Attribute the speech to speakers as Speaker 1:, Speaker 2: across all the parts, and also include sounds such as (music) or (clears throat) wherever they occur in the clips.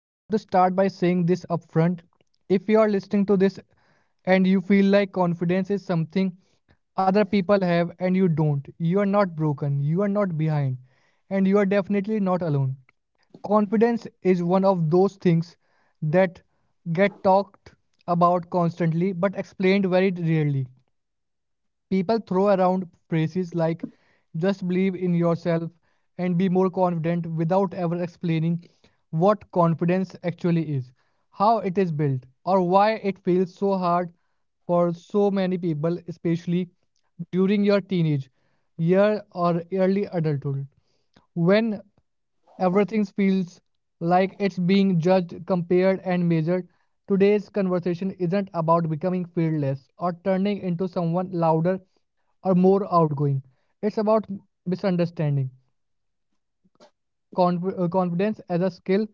Speaker 1: I want to start by saying this upfront. If you are listening to this and you feel like confidence is something other people have and you don't, you are not broken, you are not behind, and you are definitely not alone. Confidence is one of those things that get talked about constantly but explained very rarely. People throw around phrases like just believe in yourself and be more confident without ever explaining what confidence actually is, how it is built, or why it feels so hard for so many people, especially during your teenage year or early adulthood. When everything feels like it's being judged, compared, and measured. Today's conversation isn't about becoming fearless or turning into someone louder or more outgoing. It's about misunderstanding. Confidence as a skill,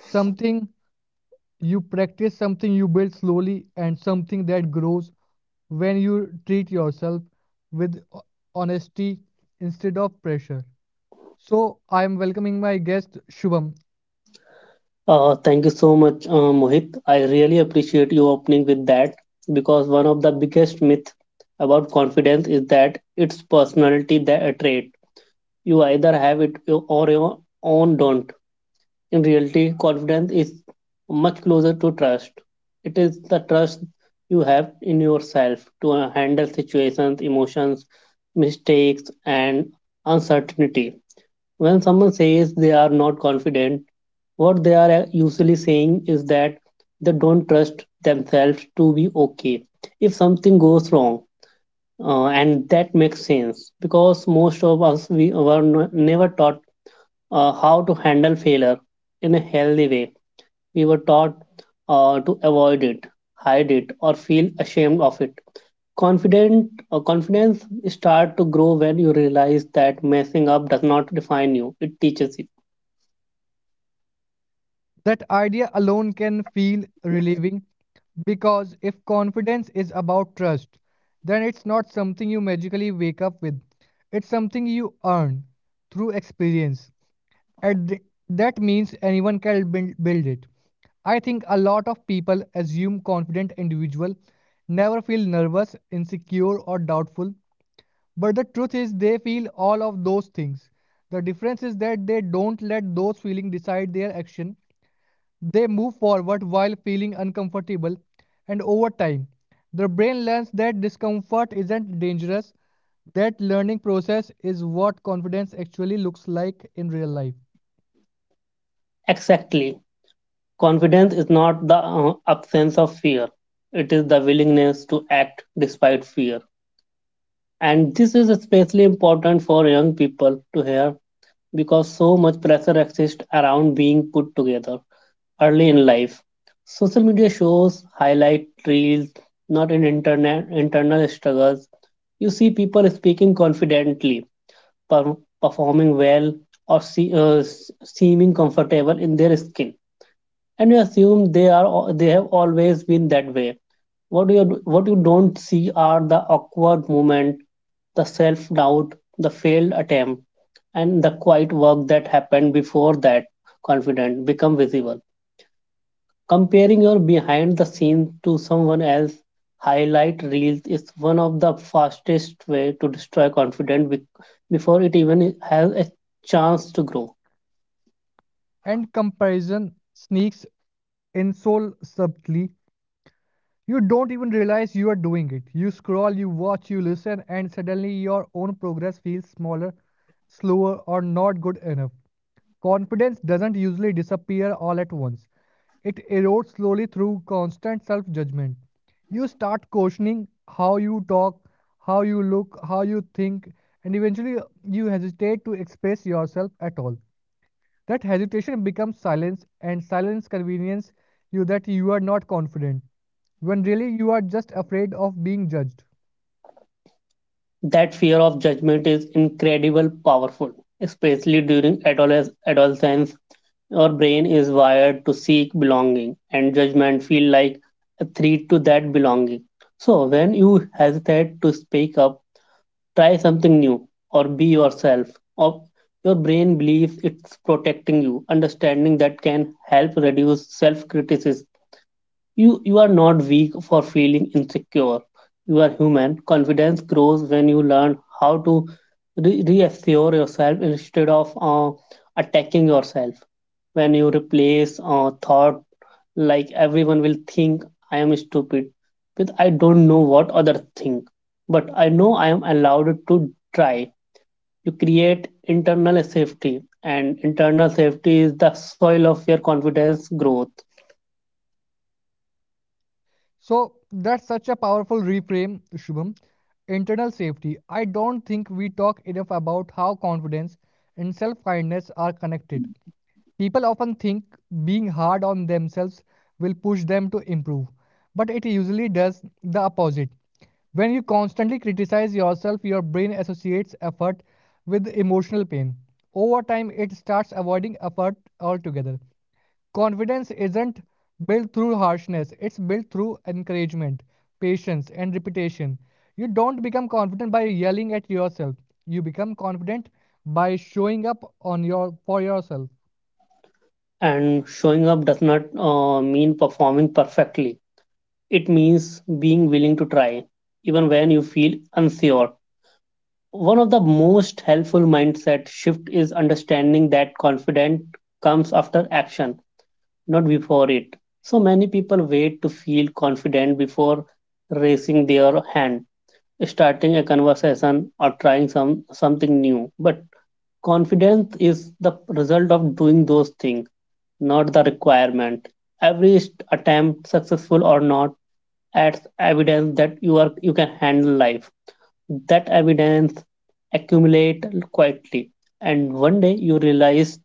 Speaker 1: something you practice, something you build slowly, and something that grows when you treat yourself with honesty instead of pressure. So, I am welcoming my guest Shubham.
Speaker 2: Thank you so much, Mohit. I really appreciate you opening with that because one of the biggest myths about confidence is that it's personality that a trait. You either have it or you own don't. In reality, confidence is much closer to trust. It is the trust you have in yourself to handle situations, emotions, mistakes, and uncertainty. When someone says they are not confident, what they are usually saying is that they don't trust themselves to be okay if something goes wrong. And that makes sense because most of us we were never taught how to handle failure in a healthy way. We were taught to avoid it, hide it, or feel ashamed of it. Confident confidence start to grow when you realize that messing up does not define you; it teaches you.
Speaker 1: That idea alone can feel relieving because if confidence is about trust, then it's not something you magically wake up with. It's something you earn through experience. And th- that means anyone can build it. I think a lot of people assume confident individuals never feel nervous, insecure or doubtful, but the truth is they feel all of those things. The difference is that they don't let those feelings decide their action. They move forward while feeling uncomfortable, and over time, the brain learns that discomfort isn't dangerous. That learning process is what confidence actually looks like in real life.
Speaker 2: Exactly. Confidence is not the absence of fear, it is the willingness to act despite fear. And this is especially important for young people to hear because so much pressure exists around being put together early in life. Social media shows highlight reels, not in internet internal struggles. You see people speaking confidently, per- performing well, or seeming comfortable in their skin, and you assume they are they have always been that way. what you what you don't see are the awkward moment, the self doubt, the failed attempt, and the quiet work that happened before that confident become visible. Comparing your behind the scenes to someone else highlight reels is one of the fastest way to destroy confidence before it even has a chance to grow.
Speaker 1: And comparison sneaks in so subtly. You don't even realize you are doing it. You scroll, you watch, you listen, and suddenly your own progress feels smaller, slower, or not good enough. Confidence doesn't usually disappear all at once. It erodes slowly through constant self judgment. You start questioning how you talk, how you look, how you think, and eventually you hesitate to express yourself at all. That hesitation becomes silence, and silence convenience you that you are not confident, when really you are just afraid of being judged.
Speaker 2: That fear of judgment is incredibly powerful, especially during adolescence. Our brain is wired to seek belonging, and judgment feel like a threat to that belonging. So when you hesitate to speak up, try something new or be yourself. Or your brain believes it's protecting you. Understanding that can help reduce self-criticism. You are not weak for feeling insecure. You are human. Confidence grows when you learn how to reassure yourself instead of attacking yourself. When you replace thought like everyone will think I am stupid with I don't know what others think, but I know I am allowed to try. You create internal safety, and internal safety is the soil of your confidence growth.
Speaker 1: So that's such a powerful reframe, Shubham. Internal safety. I don't think we talk enough about how confidence and self kindness are connected. People often think being hard on themselves will push them to improve, but it usually does the opposite. When you constantly criticize yourself, your brain associates effort with emotional pain. Over time, it starts avoiding effort altogether. Confidence isn't built through harshness, it's built through encouragement, patience, and repetition. You don't become confident by yelling at yourself, you become confident by showing up on your, for yourself.
Speaker 2: And showing up does not mean performing perfectly. It means being willing to try, even when you feel unsure. One of the most helpful mindset shift is understanding that confidence comes after action, not before it. So many people wait to feel confident before raising their hand, starting a conversation or trying something new, but confidence is the result of doing those things, not the requirement. Every attempt, successful or not, adds evidence that you can handle life. That evidence accumulate quietly, and one day you realize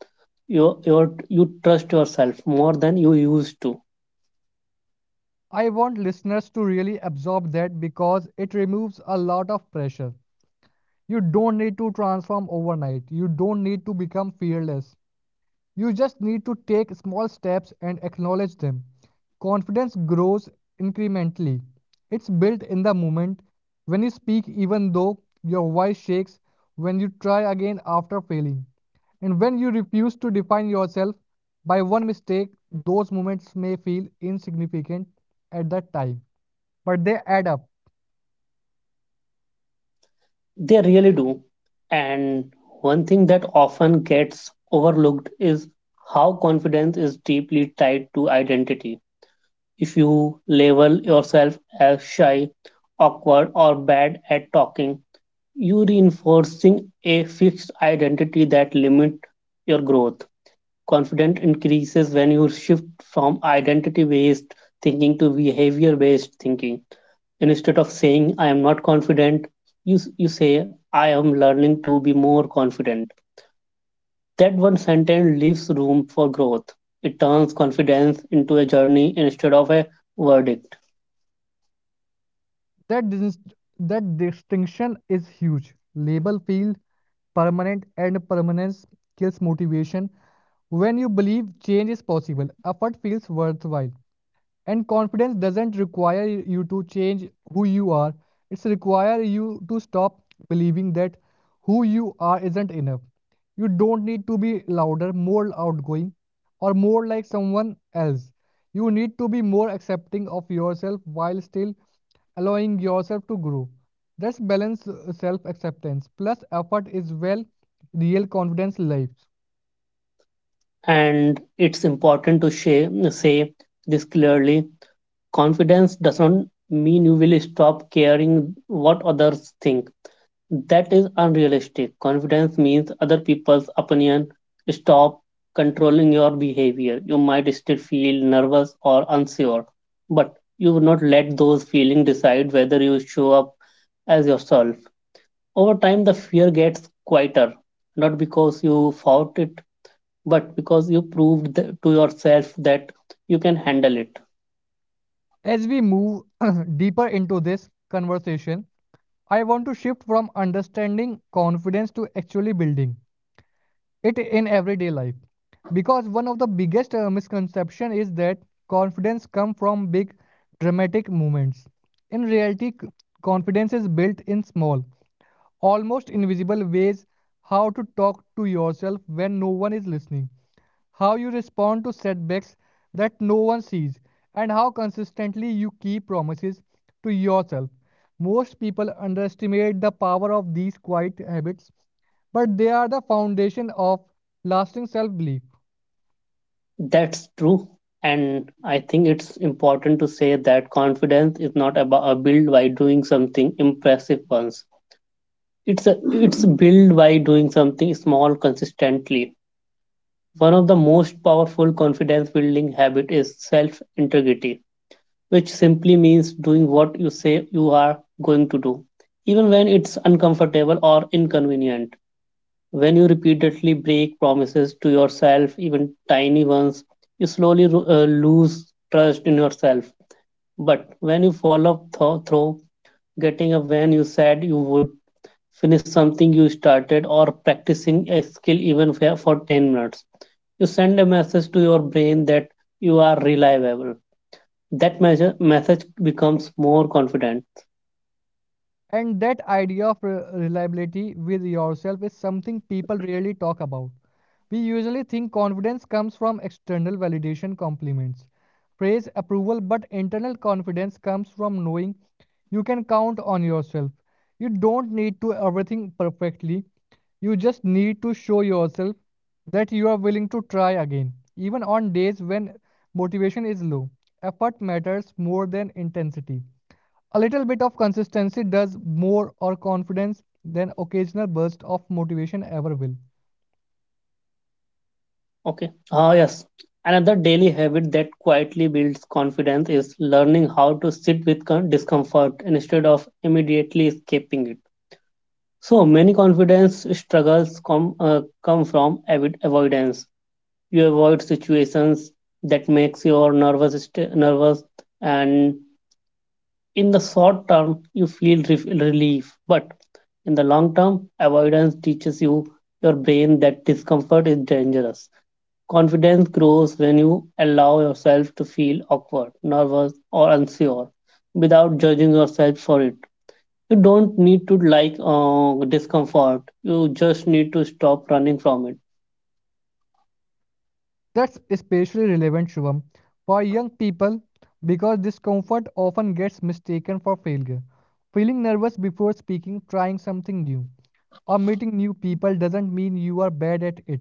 Speaker 2: you trust yourself more than you used to.
Speaker 1: I want listeners to really absorb that because it removes a lot of pressure. You don't need to transform overnight. You don't need to become fearless. You just need to take small steps and acknowledge them. Confidence grows incrementally. It's built in the moment when you speak, even though your voice shakes, when you try again after failing, and when you refuse to define yourself by one mistake. Those moments may feel insignificant at that time, but they add up.
Speaker 2: They really do. And one thing that often gets overlooked is how confidence is deeply tied to identity. If you label yourself as shy, awkward, or bad at talking, you reinforcing a fixed identity that limits your growth. Confidence increases when you shift from identity based thinking to behavior based thinking. Instead of saying I am not confident, you you say I am learning to be more confident. That one sentence leaves room for growth. It turns confidence into a journey instead of a verdict.
Speaker 1: That, dis- that distinction is huge. Label field permanent and permanence kills motivation. When you believe change is possible, effort feels worthwhile. And confidence doesn't require you to change who you are. It's require you to stop believing that who you are isn't enough. You don't need to be louder, more outgoing, or more like someone else. You need to be more accepting of yourself while still allowing yourself to grow. That's balanced self acceptance plus effort is well real confidence lives.
Speaker 2: And it's important to say this clearly, confidence doesn't mean you will stop caring what others think. That is unrealistic. Confidence means other people's opinion stop controlling your behavior. You might still feel nervous or unsure, but you will not let those feelings decide whether you show up as yourself. Over time, the fear gets quieter, not because you fought it, but because you proved to yourself that you can handle it.
Speaker 1: As we move (clears throat) deeper into this conversation, I want to shift from understanding confidence to actually building it in everyday life because one of the biggest misconception is that confidence comes from big dramatic moments. In reality, confidence is built in small, almost invisible ways how to talk to yourself when no one is listening how you respond to setbacks that no one sees, and how consistently you keep promises to yourself. Most people underestimate the power of these quiet habits, but they are the foundation of lasting self belief.
Speaker 2: That's true. And I think it's important to say that confidence is not about a build by doing something impressive once. It's built by doing something small consistently. One of the most powerful confidence building habit is self integrity, which simply means doing what you say you are going to do, even when it's uncomfortable or inconvenient. When you repeatedly break promises to yourself, even tiny ones, you slowly lose trust in yourself. But when you follow up through, getting up when you said you would, finish something you started, or practicing a skill even for 10 minutes, you send a message to your brain that you are reliable. That message becomes more confident.
Speaker 1: And that idea of reliability with yourself is something people rarely talk about. We usually think confidence comes from external validation, compliments, praise, approval, but internal confidence comes from knowing you can count on yourself. You don't need to everything perfectly. You just need to show yourself that you are willing to try again, even on days when motivation is low. Effort matters more than intensity. A little bit of consistency does more or confidence than occasional burst of motivation ever will.
Speaker 2: Okay. Ah, yes. Another daily habit that quietly builds confidence is learning how to sit with discomfort instead of immediately escaping it. So many confidence struggles come from avoidance. You avoid situations that makes your nervous, and in the short term you feel relief, but in the long term, avoidance teaches you your brain that discomfort is dangerous. Confidence grows when you allow yourself to feel awkward, nervous, or unsure without judging yourself for it. You don't need to like discomfort, you just need to stop running from it.
Speaker 1: That's especially relevant, Shubham, for young people because discomfort often gets mistaken for failure. Feeling nervous before speaking, trying something new, or meeting new people doesn't mean you are bad at it.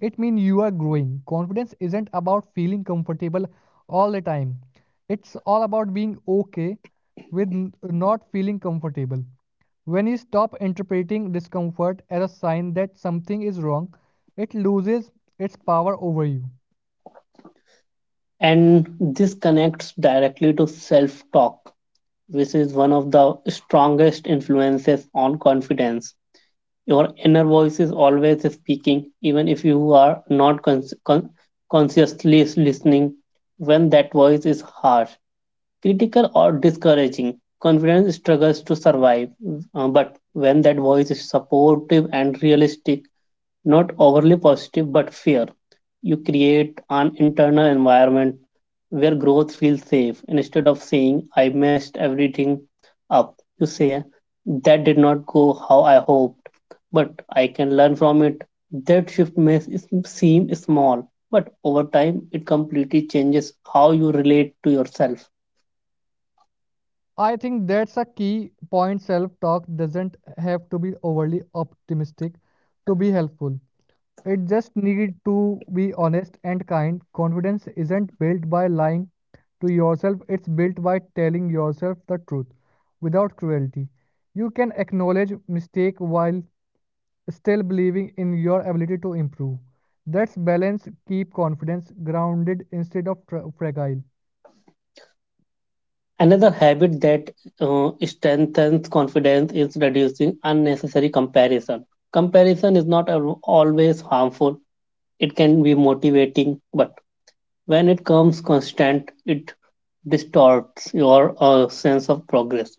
Speaker 1: It means you are growing. Confidence isn't about feeling comfortable all the time. It's all about being okay with not feeling comfortable. When you stop interpreting discomfort as a sign that something is wrong, it loses its power over you.
Speaker 2: And this connects directly to self talk, which is one of the strongest influences on confidence. Your inner voice is always speaking, even if you are not consciously listening. When that voice is harsh, critical or discouraging, confidence struggles to survive. But when that voice is supportive and realistic, not overly positive but fair, you create an internal environment where growth feels safe. Instead of saying, I messed everything up, you say, that did not go how I hoped, but I can learn from it. That shift may seem small, but over time it completely changes how you relate to yourself.
Speaker 1: I think that's a key point. Self talk doesn't have to be overly optimistic to be helpful. It just needs to be honest and kind. Confidence isn't built by lying to yourself, it's built by telling yourself the truth without cruelty. You can acknowledge mistake while still believing in your ability to improve. That's balance, keep confidence grounded instead of fragile.
Speaker 2: Another habit that strengthens confidence is reducing unnecessary comparison. Comparison is not always harmful, it can be motivating, but when it comes constant, it distorts your sense of progress.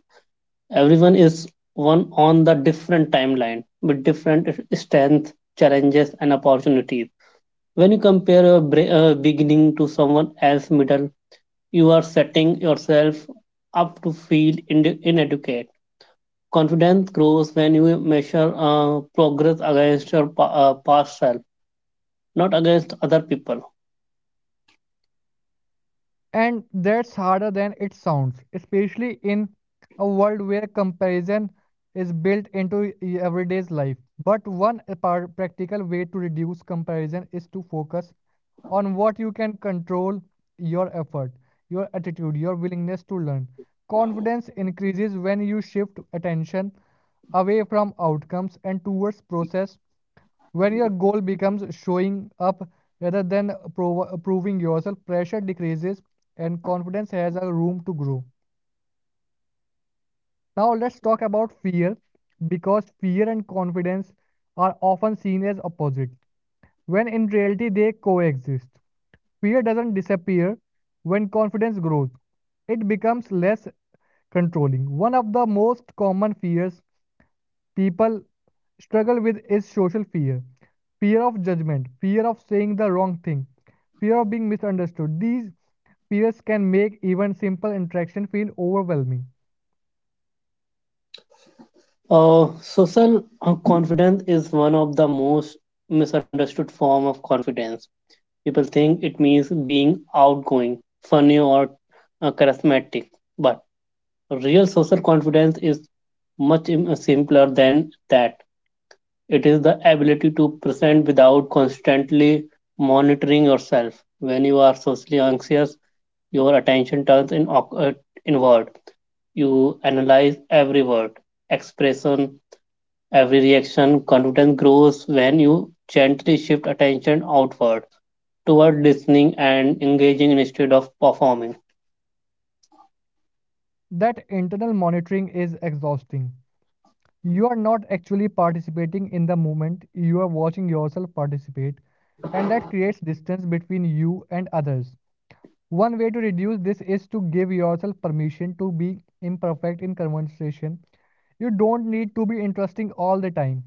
Speaker 2: Everyone is one on the different timeline with different strengths, challenges, and opportunities. When you compare a beginning to someone else's middle, you are setting yourself up to feel inadequate. Confidence grows when you measure progress against your past self, not against other people.
Speaker 1: And that's harder than it sounds, especially in a world where comparison is built into everyday's life. But one practical way to reduce comparison is to focus on what you can control your effort, your attitude, your willingness to learn. Confidence increases when you shift attention away from outcomes and towards process when your goal becomes showing up rather than proving yourself, pressure decreases and confidence has a room to grow. Now, let's talk about fear because fear and confidence are often seen as opposite when in reality they coexist. Fear doesn't disappear when confidence grows, it becomes less controlling. One of the most common fears people struggle with is social fear fear of judgment, fear of saying the wrong thing, fear of being misunderstood. These fears can make even simple interaction feel overwhelming.
Speaker 2: Social confidence is one of the most misunderstood form of confidence. People think it means being outgoing, funny, or charismatic, but real social confidence is much simpler than that. It is the ability to present without constantly monitoring yourself. When you are socially anxious, your attention turns inward. You analyze every word, expression, every reaction. Confidence grows when you gently shift attention outward toward listening and engaging instead of performing.
Speaker 1: That internal monitoring is exhausting. You are not actually participating in the moment, you are watching yourself participate, and that creates distance between you and others. One way to reduce this is to give yourself permission to be imperfect in conversation. You don't need to be interesting all the time.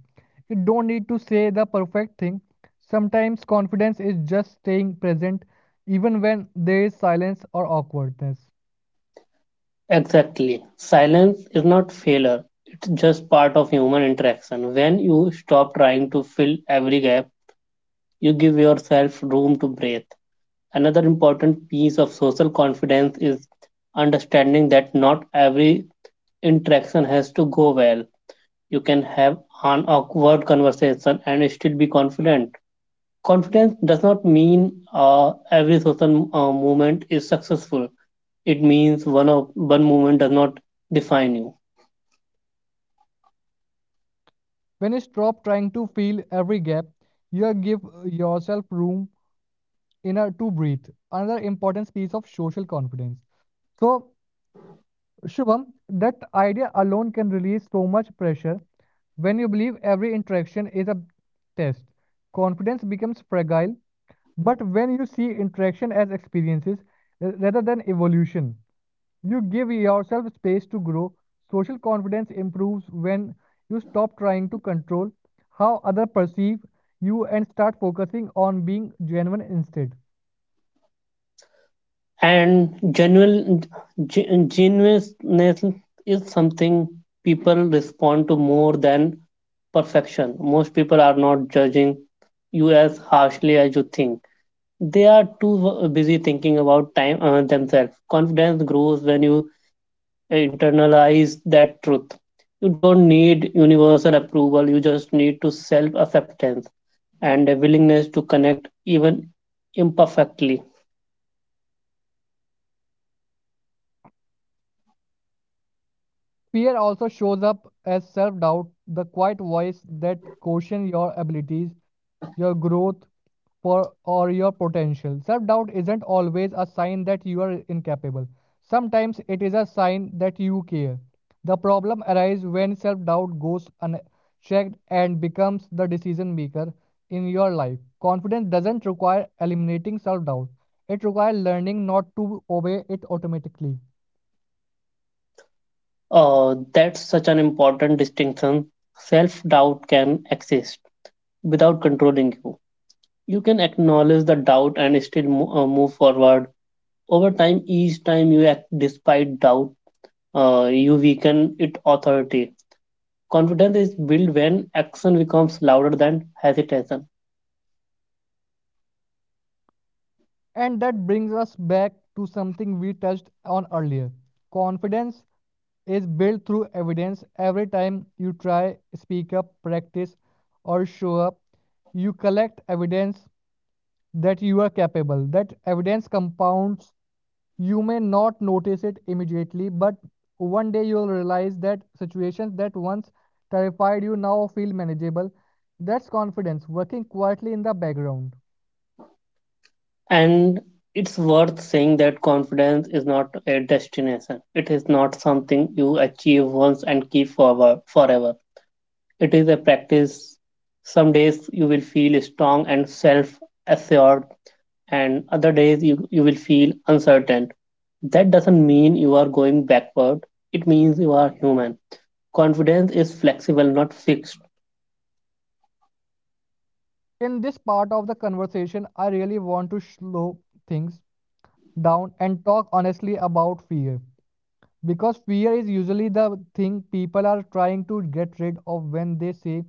Speaker 1: You don't need to say the perfect thing. Sometimes confidence is just staying present even when there is silence or awkwardness.
Speaker 2: Exactly. Silence is not failure. It's just part of human interaction. When you stop trying to fill every gap, you give yourself room to breathe. Another important piece of social confidence is understanding that not every interaction has to go well. You can have an awkward conversation and still be confident. Confidence does not mean every social movement is successful. It means one of one movement does not define you.
Speaker 1: When you stop trying to fill every gap, you give yourself room in order to breathe. Another important piece of social confidence. So Shubham, that idea alone can release so much pressure. When you believe every interaction is a test, confidence becomes fragile. But when you see interaction as experiences rather than evolution, you give yourself space to grow. Social confidence improves when you stop trying to control how others perceive you and start focusing on being genuine instead.
Speaker 2: And genuineness is something people respond to more than perfection. Most people are not judging you as harshly as you think. They are too busy thinking about time themselves. Confidence grows when you internalize that truth. You don't need universal approval, you just need to self acceptance and a willingness to connect even imperfectly.
Speaker 1: Fear also shows up as self doubt, the quiet voice that questions your abilities, your growth, for, or your potential. Self doubt isn't always a sign that you are incapable, sometimes it is a sign that you care. The problem arises when self doubt goes unchecked and becomes the decision maker in your life. Confidence doesn't require eliminating self doubt, it requires learning not to obey it automatically.
Speaker 2: That's such an important distinction. Self doubt can exist without controlling You can acknowledge the doubt and still move forward. Over time, each time you act despite doubt, you weaken its authority. Confidence is built when action becomes louder than hesitation.
Speaker 1: And that brings us back to something we touched on earlier. Confidence is built through evidence. Every time you try, speak up, practice, or show up, you collect evidence that you are capable. That evidence compounds. You may not notice it immediately, but one day you'll realize that situations that once terrified you now feel manageable. That's confidence working quietly in the background.
Speaker 2: And it's worth saying that confidence is not a destination. It is not something you achieve once and keep forward forever. It is a practice. Some days you will feel strong and self assured, and other days you will feel uncertain. That doesn't mean you are going backward, it means you are human. Confidence is flexible, not fixed.
Speaker 1: In this part of the conversation, I really want to slow things down and talk honestly about fear. Because fear is usually the thing people are trying to get rid of when they say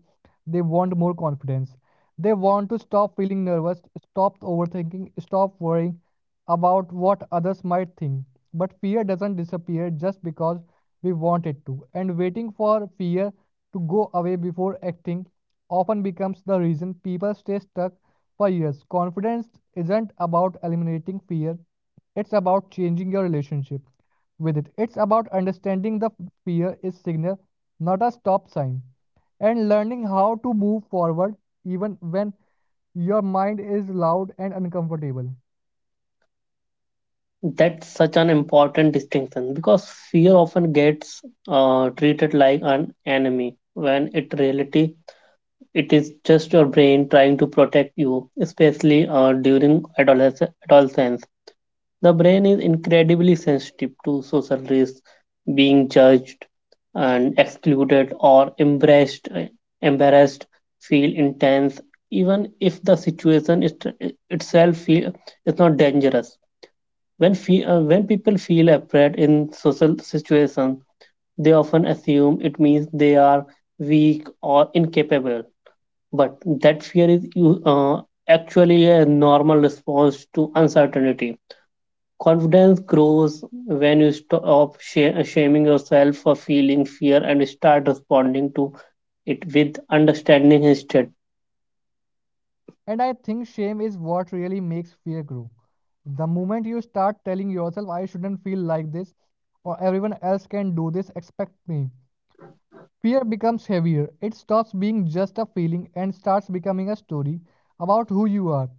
Speaker 1: they want more confidence. They want to stop feeling nervous, stop overthinking, stop worrying about what others might think. But fear doesn't disappear just because we want it to. And waiting for fear to go away before acting often becomes the reason people stay stuck for years. Confidence isn't about eliminating fear, it's about changing your relationship with it. It's about understanding the fear is signal, not a stop sign and learning how to move forward even when your mind is loud and uncomfortable.
Speaker 2: That's such an important distinction because fear often gets treated like an enemy when in reality it is just your brain trying to protect you, especially during adolescence. The brain is incredibly sensitive to social risks, being judged and excluded or embarrassed. Embarrassed, feel intense, even if the situation itself is not dangerous. When, when people feel afraid in social situations, they often assume it means they are weak or incapable. But that fear is actually a normal response to uncertainty. Confidence grows when you stop shaming yourself for feeling fear and start responding to it with understanding instead.
Speaker 1: And I think shame is what really makes fear grow. The moment you start telling yourself, I shouldn't feel like this, or everyone else can do this, expect me. Fear becomes heavier. It stops being just a feeling and starts becoming a story about who you are.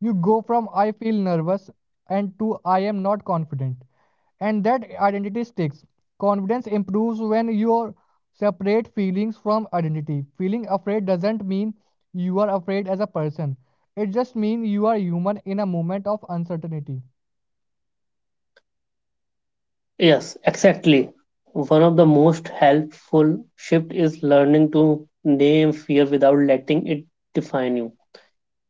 Speaker 1: You go from I feel nervous and to I am not confident. And that identity sticks. Confidence improves when you separate feelings from identity. Feeling afraid doesn't mean you are afraid as a person, it just means you are human in a moment of uncertainty.
Speaker 2: Yes, exactly. One of the most helpful shift is learning to name fear without letting it define you.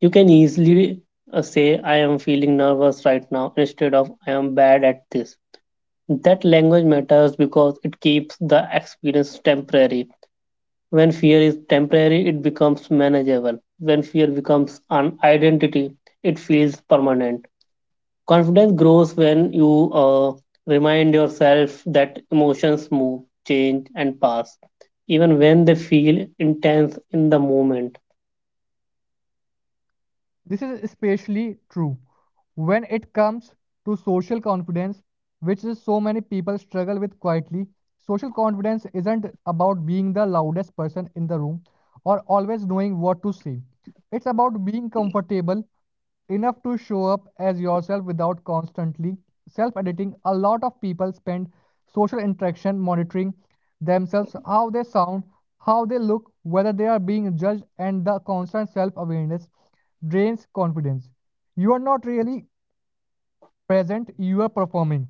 Speaker 2: You can easily say, I am feeling nervous right now, instead of I am bad at this. That language matters because it keeps the experience temporary. When fear is temporary, it becomes manageable. When fear becomes an identity, it feels permanent. Confidence grows when you remind yourself that emotions move, change, and pass, even when they feel intense in the moment.
Speaker 1: This is especially true when it comes to social confidence, which is so many people struggle with quietly. Social confidence isn't about being the loudest person in the room or always knowing what to say. It's about being comfortable enough to show up as yourself without constantly self editing. A lot of people spend social interaction monitoring themselves, how they sound, how they look, whether they are being judged, and the constant self awareness drains confidence. You are not really present, you are performing.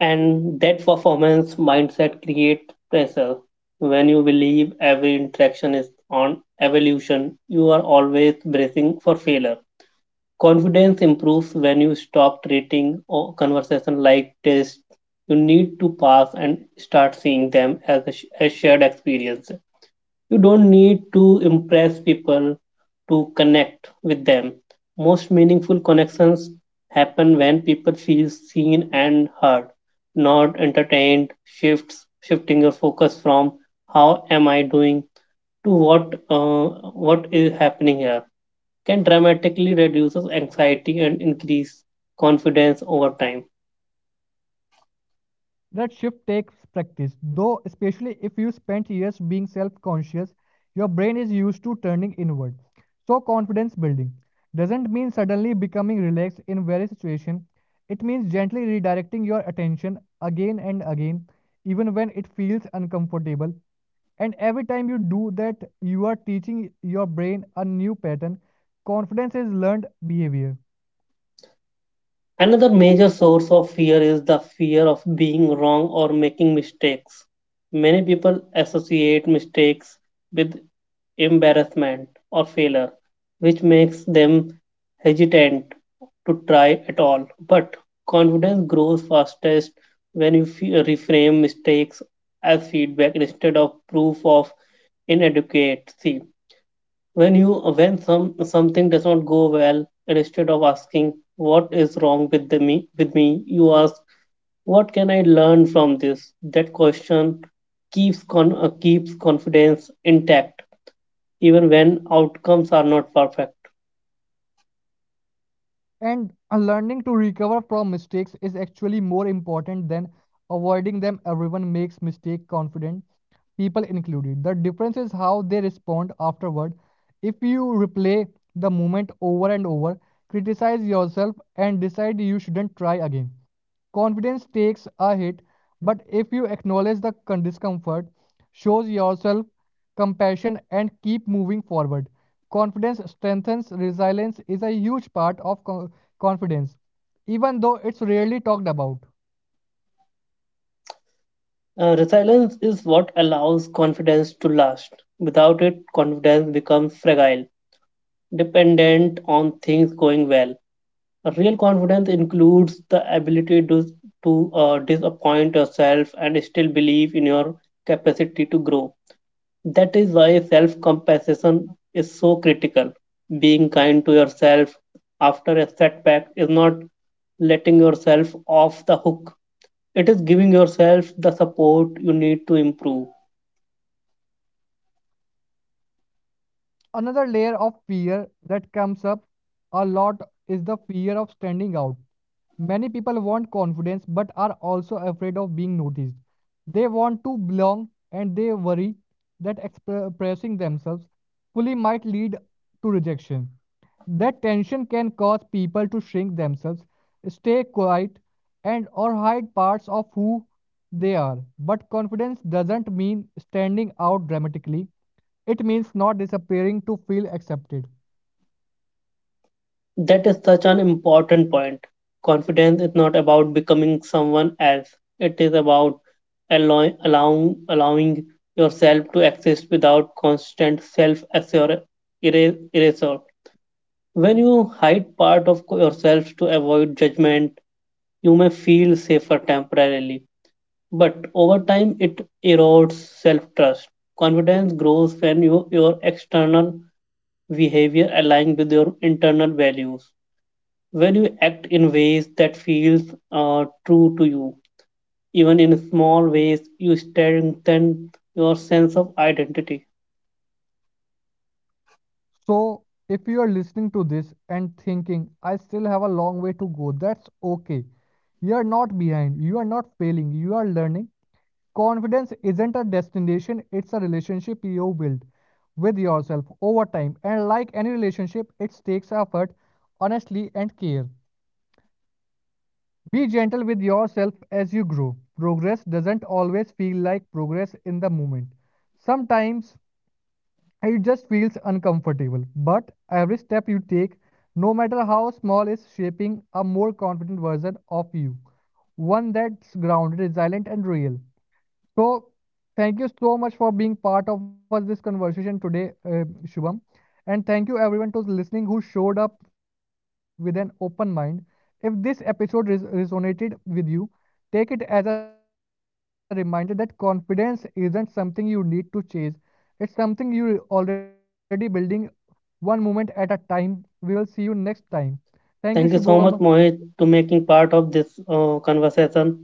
Speaker 2: And that performance mindset creates pressure. When you believe every interaction is on evolution, you are always bracing for failure. Confidence improves when you stop treating conversation like tests you need to pass and start seeing them as a shared experience. You don't need to impress people to connect with them. Most meaningful connections happen when people feel seen and heard, not entertained. Shifts shifting your focus from how am I doing to what is happening here can dramatically reduce anxiety and increase confidence over time.
Speaker 1: That shift takes practice, though, especially if you spent years being self conscious, your brain is used to turning inward. So, confidence building doesn't mean suddenly becoming relaxed in various situations, it means gently redirecting your attention again and again, even when it feels uncomfortable. And every time you do that, you are teaching your brain a new pattern. Confidence is learned behavior.
Speaker 2: Another major source of fear is the fear of being wrong or making mistakes. Many people associate mistakes with embarrassment or failure, which makes them hesitant to try at all. But confidence grows fastest when you reframe mistakes as feedback instead of proof of inadequacy. When you when some something does not go well, and instead of asking what is wrong with the me with me, you ask what can I learn from this? That question keeps confidence intact even when outcomes are not perfect.
Speaker 1: And learning to recover from mistakes is actually more important than avoiding them. Everyone makes mistake confident, people included. The difference is how they respond afterward. If you replay the moment over and over, criticize yourself and decide you shouldn't try again. Confidence takes a hit, but if you acknowledge the discomfort, shows yourself compassion, and keep moving forward, confidence strengthens. Resilience is a huge part of confidence, even though it's rarely talked about.
Speaker 2: Resilience is what allows confidence to last. Without it confidence becomes fragile, dependent on things going well. A real confidence includes the ability to disappoint yourself and still believe in your capacity to grow. That is why self compassion is so critical. Being kind to yourself after a setback is not letting yourself off the hook, it is giving yourself the support you need to improve.
Speaker 1: Another layer of fear that comes up a lot is the fear of standing out. Many people want confidence but are also afraid of being noticed. They want to belong and they worry that expressing themselves fully might lead to rejection. That tension can cause people to shrink themselves, stay quiet, and or hide parts of who they are. But confidence doesn't mean standing out dramatically. It means not disappearing to feel accepted.
Speaker 2: That is such an important point. Confidence is not about becoming someone else. It is about allowing yourself to exist without constant self erasure. When you hide part of yourself to avoid judgment, you may feel safer temporarily, but over time it erodes self trust. Confidence grows when you, your external behavior aligns with your internal values. When you act in ways that feels true to you, even in small ways you strengthen your sense of identity.
Speaker 1: So, if you are listening to this and thinking, I still have a long way to go, that's okay. You are not behind, you are not failing, you are learning. Confidence isn't a destination, it's a relationship you build with yourself over time. And like any relationship, it takes effort, honesty, and care. Be gentle with yourself as you grow. Progress doesn't always feel like progress in the moment. Sometimes it just feels uncomfortable, but every step you take, no matter how small, is shaping a more confident version of you, one that's grounded, resilient, and real. So, thank you so much for being part of us this conversation today, Shubham, and thank you everyone to listening who showed up with an open mind. If this episode resonated with you, take it as a reminder that confidence isn't something you need to chase. It's something you're already building one moment at a time. We will see you next time. Thank you, Shubham.
Speaker 2: Thank you so much Mohit to making part of this conversation.